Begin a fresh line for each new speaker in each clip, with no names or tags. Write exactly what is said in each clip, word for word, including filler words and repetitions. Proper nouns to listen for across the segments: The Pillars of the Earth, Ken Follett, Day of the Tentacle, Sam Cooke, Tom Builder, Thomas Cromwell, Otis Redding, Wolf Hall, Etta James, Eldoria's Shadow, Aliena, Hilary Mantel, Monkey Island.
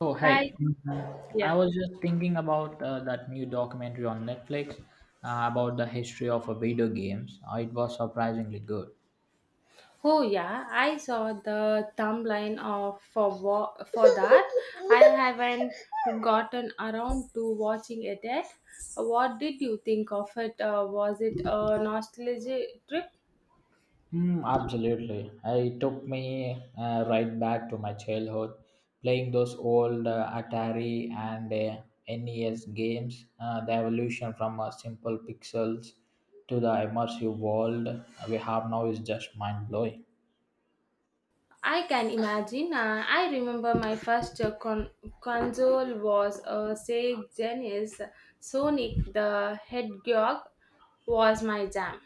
Oh,
Hi.
hey.
Yeah.
I was just thinking about uh, that new documentary on Netflix uh, about the history of uh, video games. Uh, it was surprisingly good.
Oh yeah, I saw the thumbnail of for wa- for that. I haven't gotten around to watching it yet. What did you think of it? Uh, was it a nostalgia trip?
Mm, absolutely. Uh, It took me uh, right back to my childhood, playing those old uh, Atari and uh, N E S games, uh, the evolution from uh, simple pixels to the immersive world we have now is just mind blowing.
I can imagine. Uh, I remember my first uh, con- console was a Sega Genesis. Sonic the Hedgehog was my jam.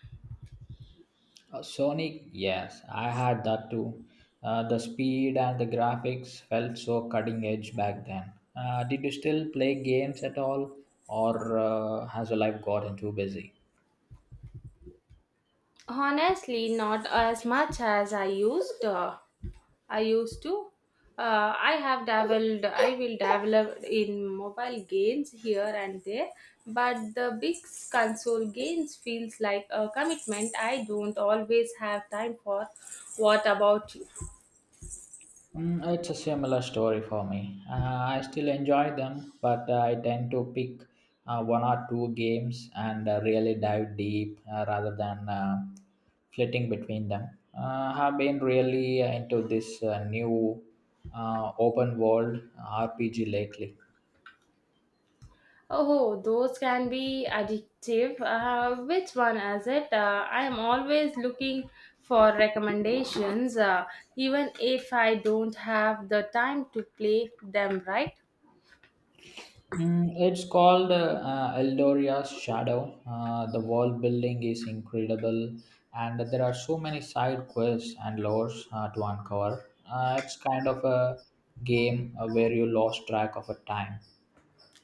Uh, Sonic, yes, I had that too. Uh, the speed and the graphics felt so cutting edge back then. Uh, did you still play games at all, or uh, has your life gotten too busy?
Honestly, not as much as I used. Uh, I used to. Uh, I have dabbled, I will dabble in mobile games here and there, but the big console games feels like a commitment I don't always have time for. What about you?
Mm, it's a similar story for me. Uh, I still enjoy them, but uh, I tend to pick uh, one or two games and uh, really dive deep uh, rather than uh, flitting between them. Uh, I've been really into this uh, new uh, open world R P G lately.
Oh, those can be addictive. Uh, which one is it? Uh, I am always looking for recommendations, uh, even if I don't have the time to play them right.
Mm, it's called uh, uh, Eldoria's Shadow. Uh, the world building is incredible, and there are so many side quests and lores uh, to uncover. Uh, it's kind of a game uh, where you lost track of a time.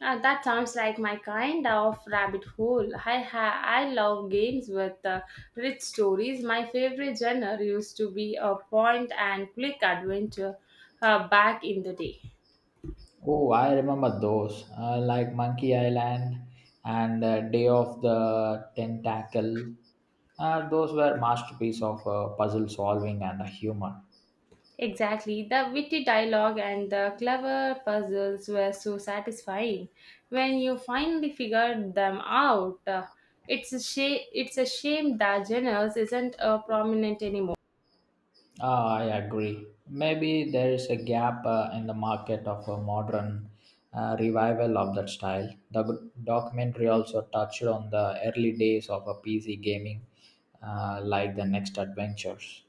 Uh, that sounds like my kind of rabbit hole. I ha- I love games with uh, rich stories. My favorite genre used to be a point and click adventure uh, back in the day.
Oh, I remember those, uh, like Monkey Island and uh, Day of the Tentacle. Uh, those were masterpiece of uh, puzzle solving and uh, humor.
Exactly, the witty dialogue and the clever puzzles were so satisfying. When you finally figured them out, uh, it's a shame. It's a shame that genres isn't uh, prominent anymore.
Ah, I agree. Maybe there is a gap uh, in the market of a modern uh, revival of that style. The g- documentary also touched on the early days of a P C gaming, uh, like the Next Adventures.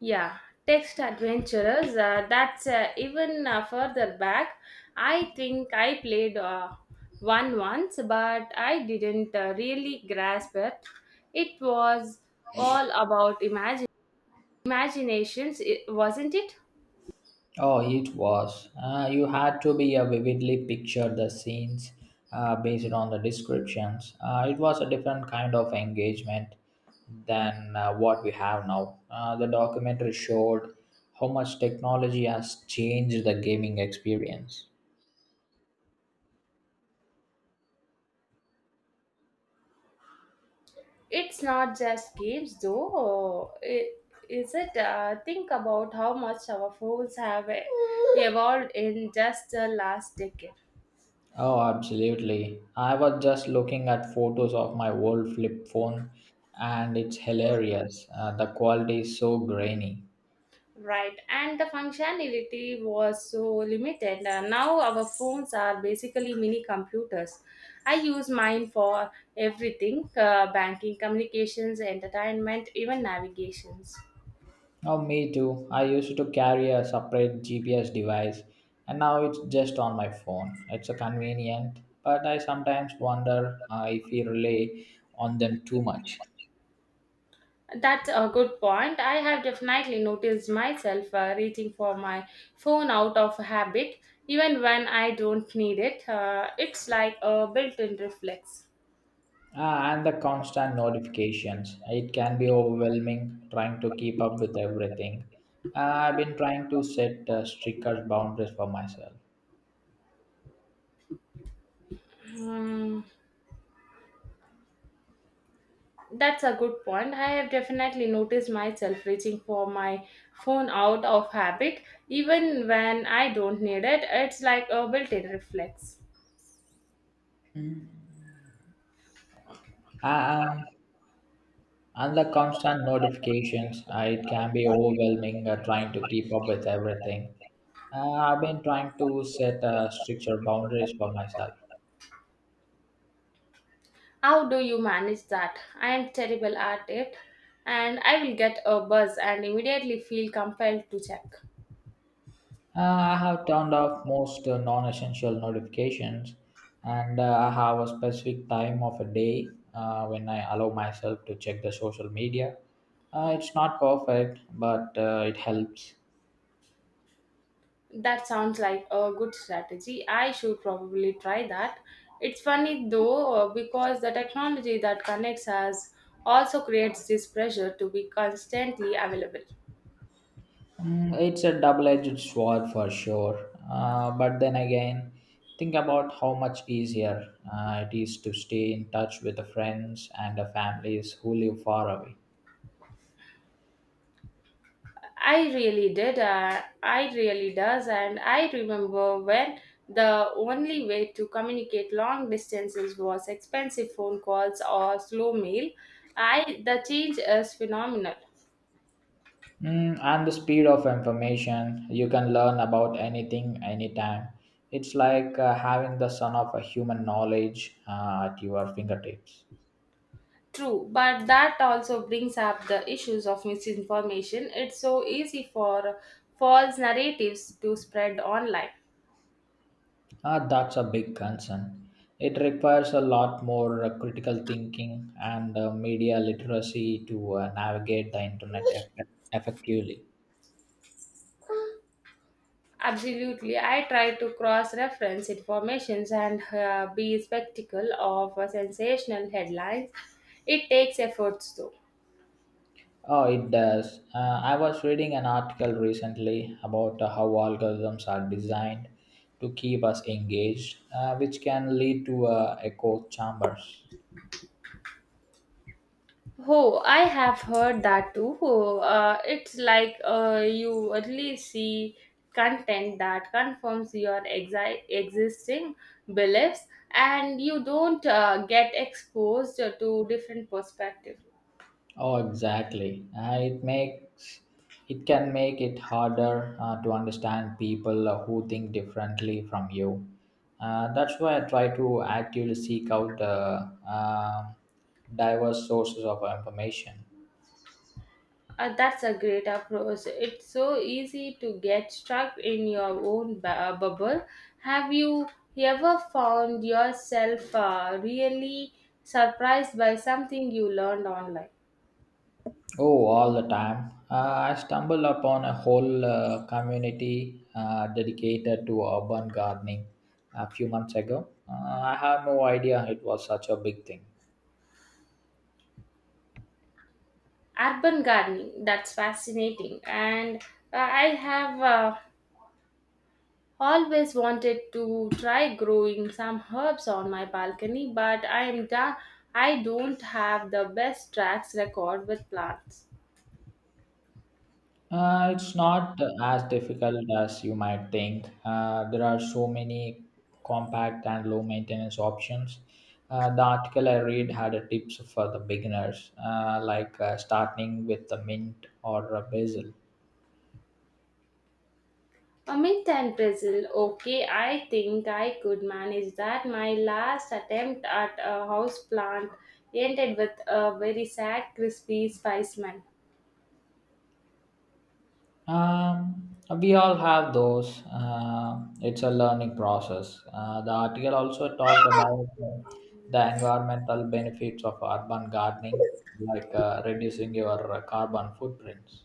Yeah, text adventurers. Uh, that's uh, even uh, further back. I think I played uh, one once, but I didn't uh, really grasp it. It was all about imagine imaginations, I wasn't it?
Oh, it was. Uh, you had to be uh, vividly picture the scenes uh, based on the descriptions. Uh, it was a different kind of engagement than uh, what we have now. Uh, the documentary showed how much technology has changed the gaming experience.
It's not just games, though. It, is it? Uh, think about how much our phones have uh, evolved in just the last decade.
Oh, absolutely. I was just looking at photos of my old flip phone and it's hilarious. Uh, the quality is so grainy.
Right, and the functionality was so limited. Uh, now our phones are basically mini computers. I use mine for everything uh, banking, communications, entertainment, even navigations.
Oh, me too. I used to carry a separate G P S device and now it's just on my phone. It's a convenient, but I sometimes wonder uh, if we rely on them too much.
That's a good point. I have definitely noticed myself uh, reaching for my phone out of habit, even when I don't need it. Uh, it's like a built in reflex.
Ah, and the constant notifications. It can be overwhelming trying to keep up with everything. Uh, I've been trying to set uh, stricter boundaries for myself.
Hmm. That's a good point. I have definitely noticed myself reaching for my phone out of habit, even when I don't need it. It's like a built in reflex.
Um, and the constant notifications, uh, it can be overwhelming uh, trying to keep up with everything. Uh, I've been trying to set uh, stricter boundaries for myself.
How do you manage that? I am terrible at it, and I will get a buzz and immediately feel compelled to check.
Uh, I have turned off most uh, non essential notifications and uh, I have a specific time of a day uh, when I allow myself to check the social media. Uh, it's not perfect, but uh, it helps.
That sounds like a good strategy. I should probably try that. It's funny though, uh, because the technology that connects us also creates this pressure to be constantly available.
Mm, it's a double edged sword for sure. Uh, but then again, think about how much easier uh, it is to stay in touch with the friends and the families who live far away.
I really did. Uh, I really does. And I remember when the only way to communicate long distances was expensive phone calls or slow mail. I the change is phenomenal.
Mm, and the speed of information, you can learn about anything, anytime. It's like uh, having the sun of a human knowledge uh, at your fingertips.
True, but that also brings up the issues of misinformation. It's so easy for false narratives to spread online.
Uh, that's a big concern. It requires a lot more uh, critical thinking and uh, media literacy to uh, navigate the internet eff- effectively.
Absolutely. I try to cross reference informations and uh, be spectacle of uh, sensational headlines. It takes efforts though.
Oh, it does. Uh, I was reading an article recently about uh, how algorithms are designed to keep us engaged, uh, which can lead to uh, echo chambers.
Oh, I have heard that too. Oh, uh, it's like uh, you only see content that confirms your exi- existing beliefs and you don't uh, get exposed to different perspectives.
Oh, exactly. Uh, it makes it can make it harder uh, to understand people uh, who think differently from you. Uh, that's why I try to actively seek out uh, um diverse sources of information.
Uh, that's a great approach. It's so easy to get stuck in your own bu- uh, bubble. Have you ever found yourself uh, really surprised by something you learned online?
Oh, all the time. Uh, I stumbled upon a whole uh, community uh, dedicated to urban gardening a few months ago. Uh, I had no idea it was such a big thing.
Urban gardening, that's fascinating. And uh, I have uh, always wanted to try growing some herbs on my balcony, but I am da- I don't have the best tracks record with plants.
Uh, it's not as difficult as you might think. Uh, there are so many compact and low maintenance options. Uh, the article I read had a tips for the beginners, uh, like uh, starting with the mint or a basil.
Amit and Brazil. Okay, I think I could manage that. My last attempt at a house plant ended with a very sad, crispy spiceman.
Um, we all have those. Uh, it's a learning process. Uh, the article also talked about uh, the environmental benefits of urban gardening, like uh, reducing your uh, carbon footprints.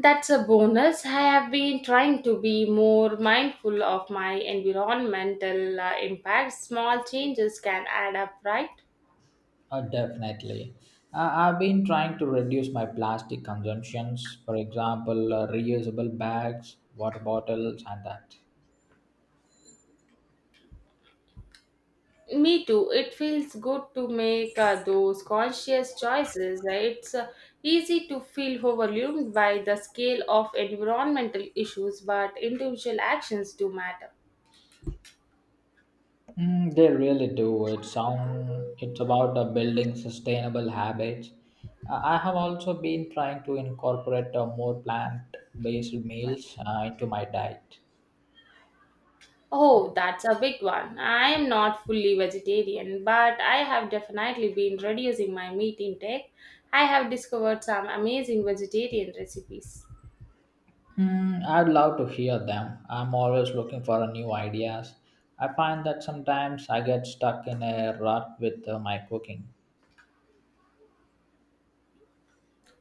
That's a bonus. I have been trying to be more mindful of my environmental uh, impact. Small changes can add up, right?
Uh, definitely. Uh, I've been trying to reduce my plastic consumptions, for example, uh, reusable bags, water bottles, and that.
Me too. It feels good to make uh, those conscious choices. Right? It's uh, easy to feel overwhelmed by the scale of environmental issues, but individual actions do matter.
Mm, they really do. It sound it's about uh, building sustainable habits. Uh, I have also been trying to incorporate uh, more plant-based meals uh, into my diet.
Oh, that's a big one. I am not fully vegetarian, but I have definitely been reducing my meat intake. I have discovered some amazing vegetarian recipes.
Hmm, I'd love to hear them. I'm always looking for uh, new ideas. I find that sometimes I get stuck in a rut with uh, my cooking.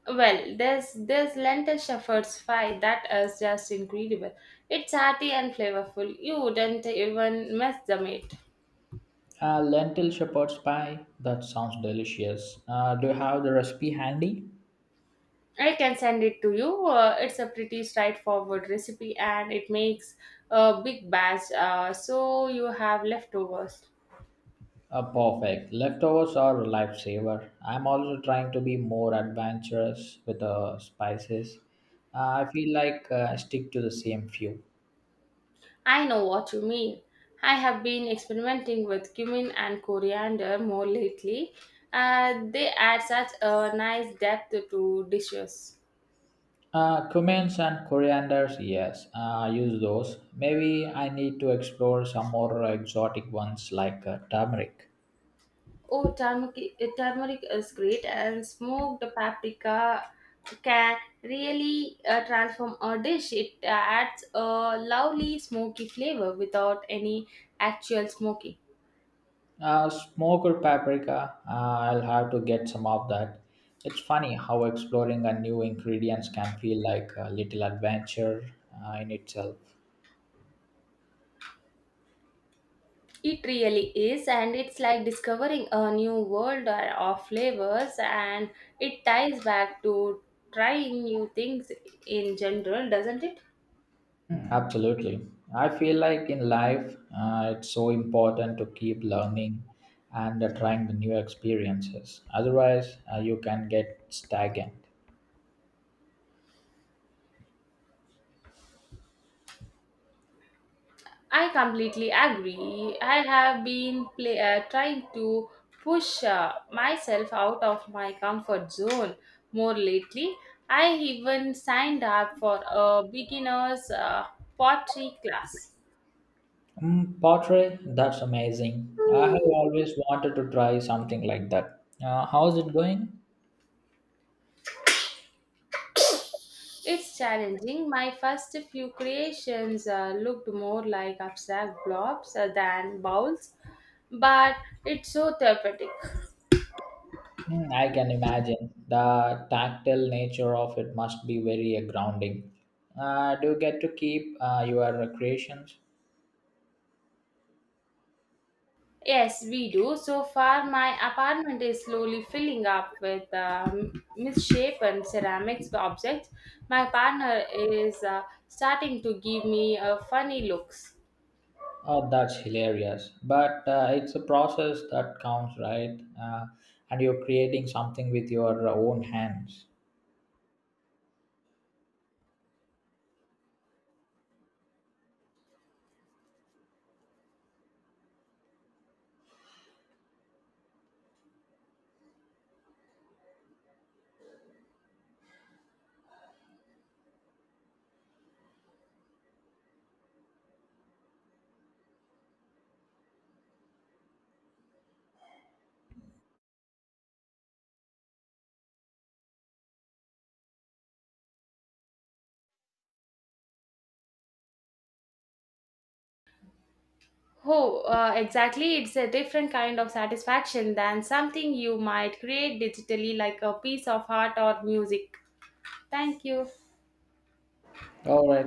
Well, this this lentil shepherd's pie that is just incredible. It's hearty and flavorful. You wouldn't even miss the meat.
Uh, lentil shepherd's pie, that sounds delicious. Uh, do you have the recipe handy?
I can send it to you. Uh, it's a pretty straightforward recipe, and it makes a big batch, uh, so you have leftovers.
Uh, perfect. Leftovers are a lifesaver. I'm also trying to be more adventurous with the spices. Uh, I feel like uh, I stick to the same few.
I know what you mean. I have been experimenting with cumin and coriander more lately. Uh, they add such a nice depth to dishes.
Uh, cumins and corianders, yes, uh, I use those. Maybe I need to explore some more exotic ones like uh, turmeric.
Oh, turmeric, uh, turmeric is great, and smoked paprika can really uh, transform a dish. It uh, adds a lovely smoky flavor without any actual smoky.
Uh, smoked paprika, uh, I'll have to get some of that. It's funny how exploring a new ingredients can feel like a little adventure uh, in itself.
It really is, and it's like discovering a new world uh, of flavors, and it ties back to trying new things in general, doesn't it?
Mm, absolutely. I feel like in life, uh, it's so important to keep learning and uh, trying the new experiences. Otherwise, uh, you can get stagnant.
I completely agree. I have been play, uh, trying to push uh, myself out of my comfort zone more lately. I even signed up for a beginner's uh, pottery class.
Mm, pottery, that's amazing. I have always wanted to try something like that. Uh, how's it going?
It's challenging. My first few creations uh, looked more like abstract blobs uh, than bowls, but it's so therapeutic.
Mm, I can imagine. The tactile nature of it must be very uh, grounding. Uh, do you get to keep uh, your creations?
Yes, we do. So far, my apartment is slowly filling up with um, misshapen ceramics objects. My partner is uh, starting to give me uh, funny looks.
Oh, that's hilarious. But uh, it's a process that counts, right? Uh, and you're creating something with your own hands.
Oh, uh, exactly. It's a different kind of satisfaction than something you might create digitally, like a piece of art or music. Thank you.
All right.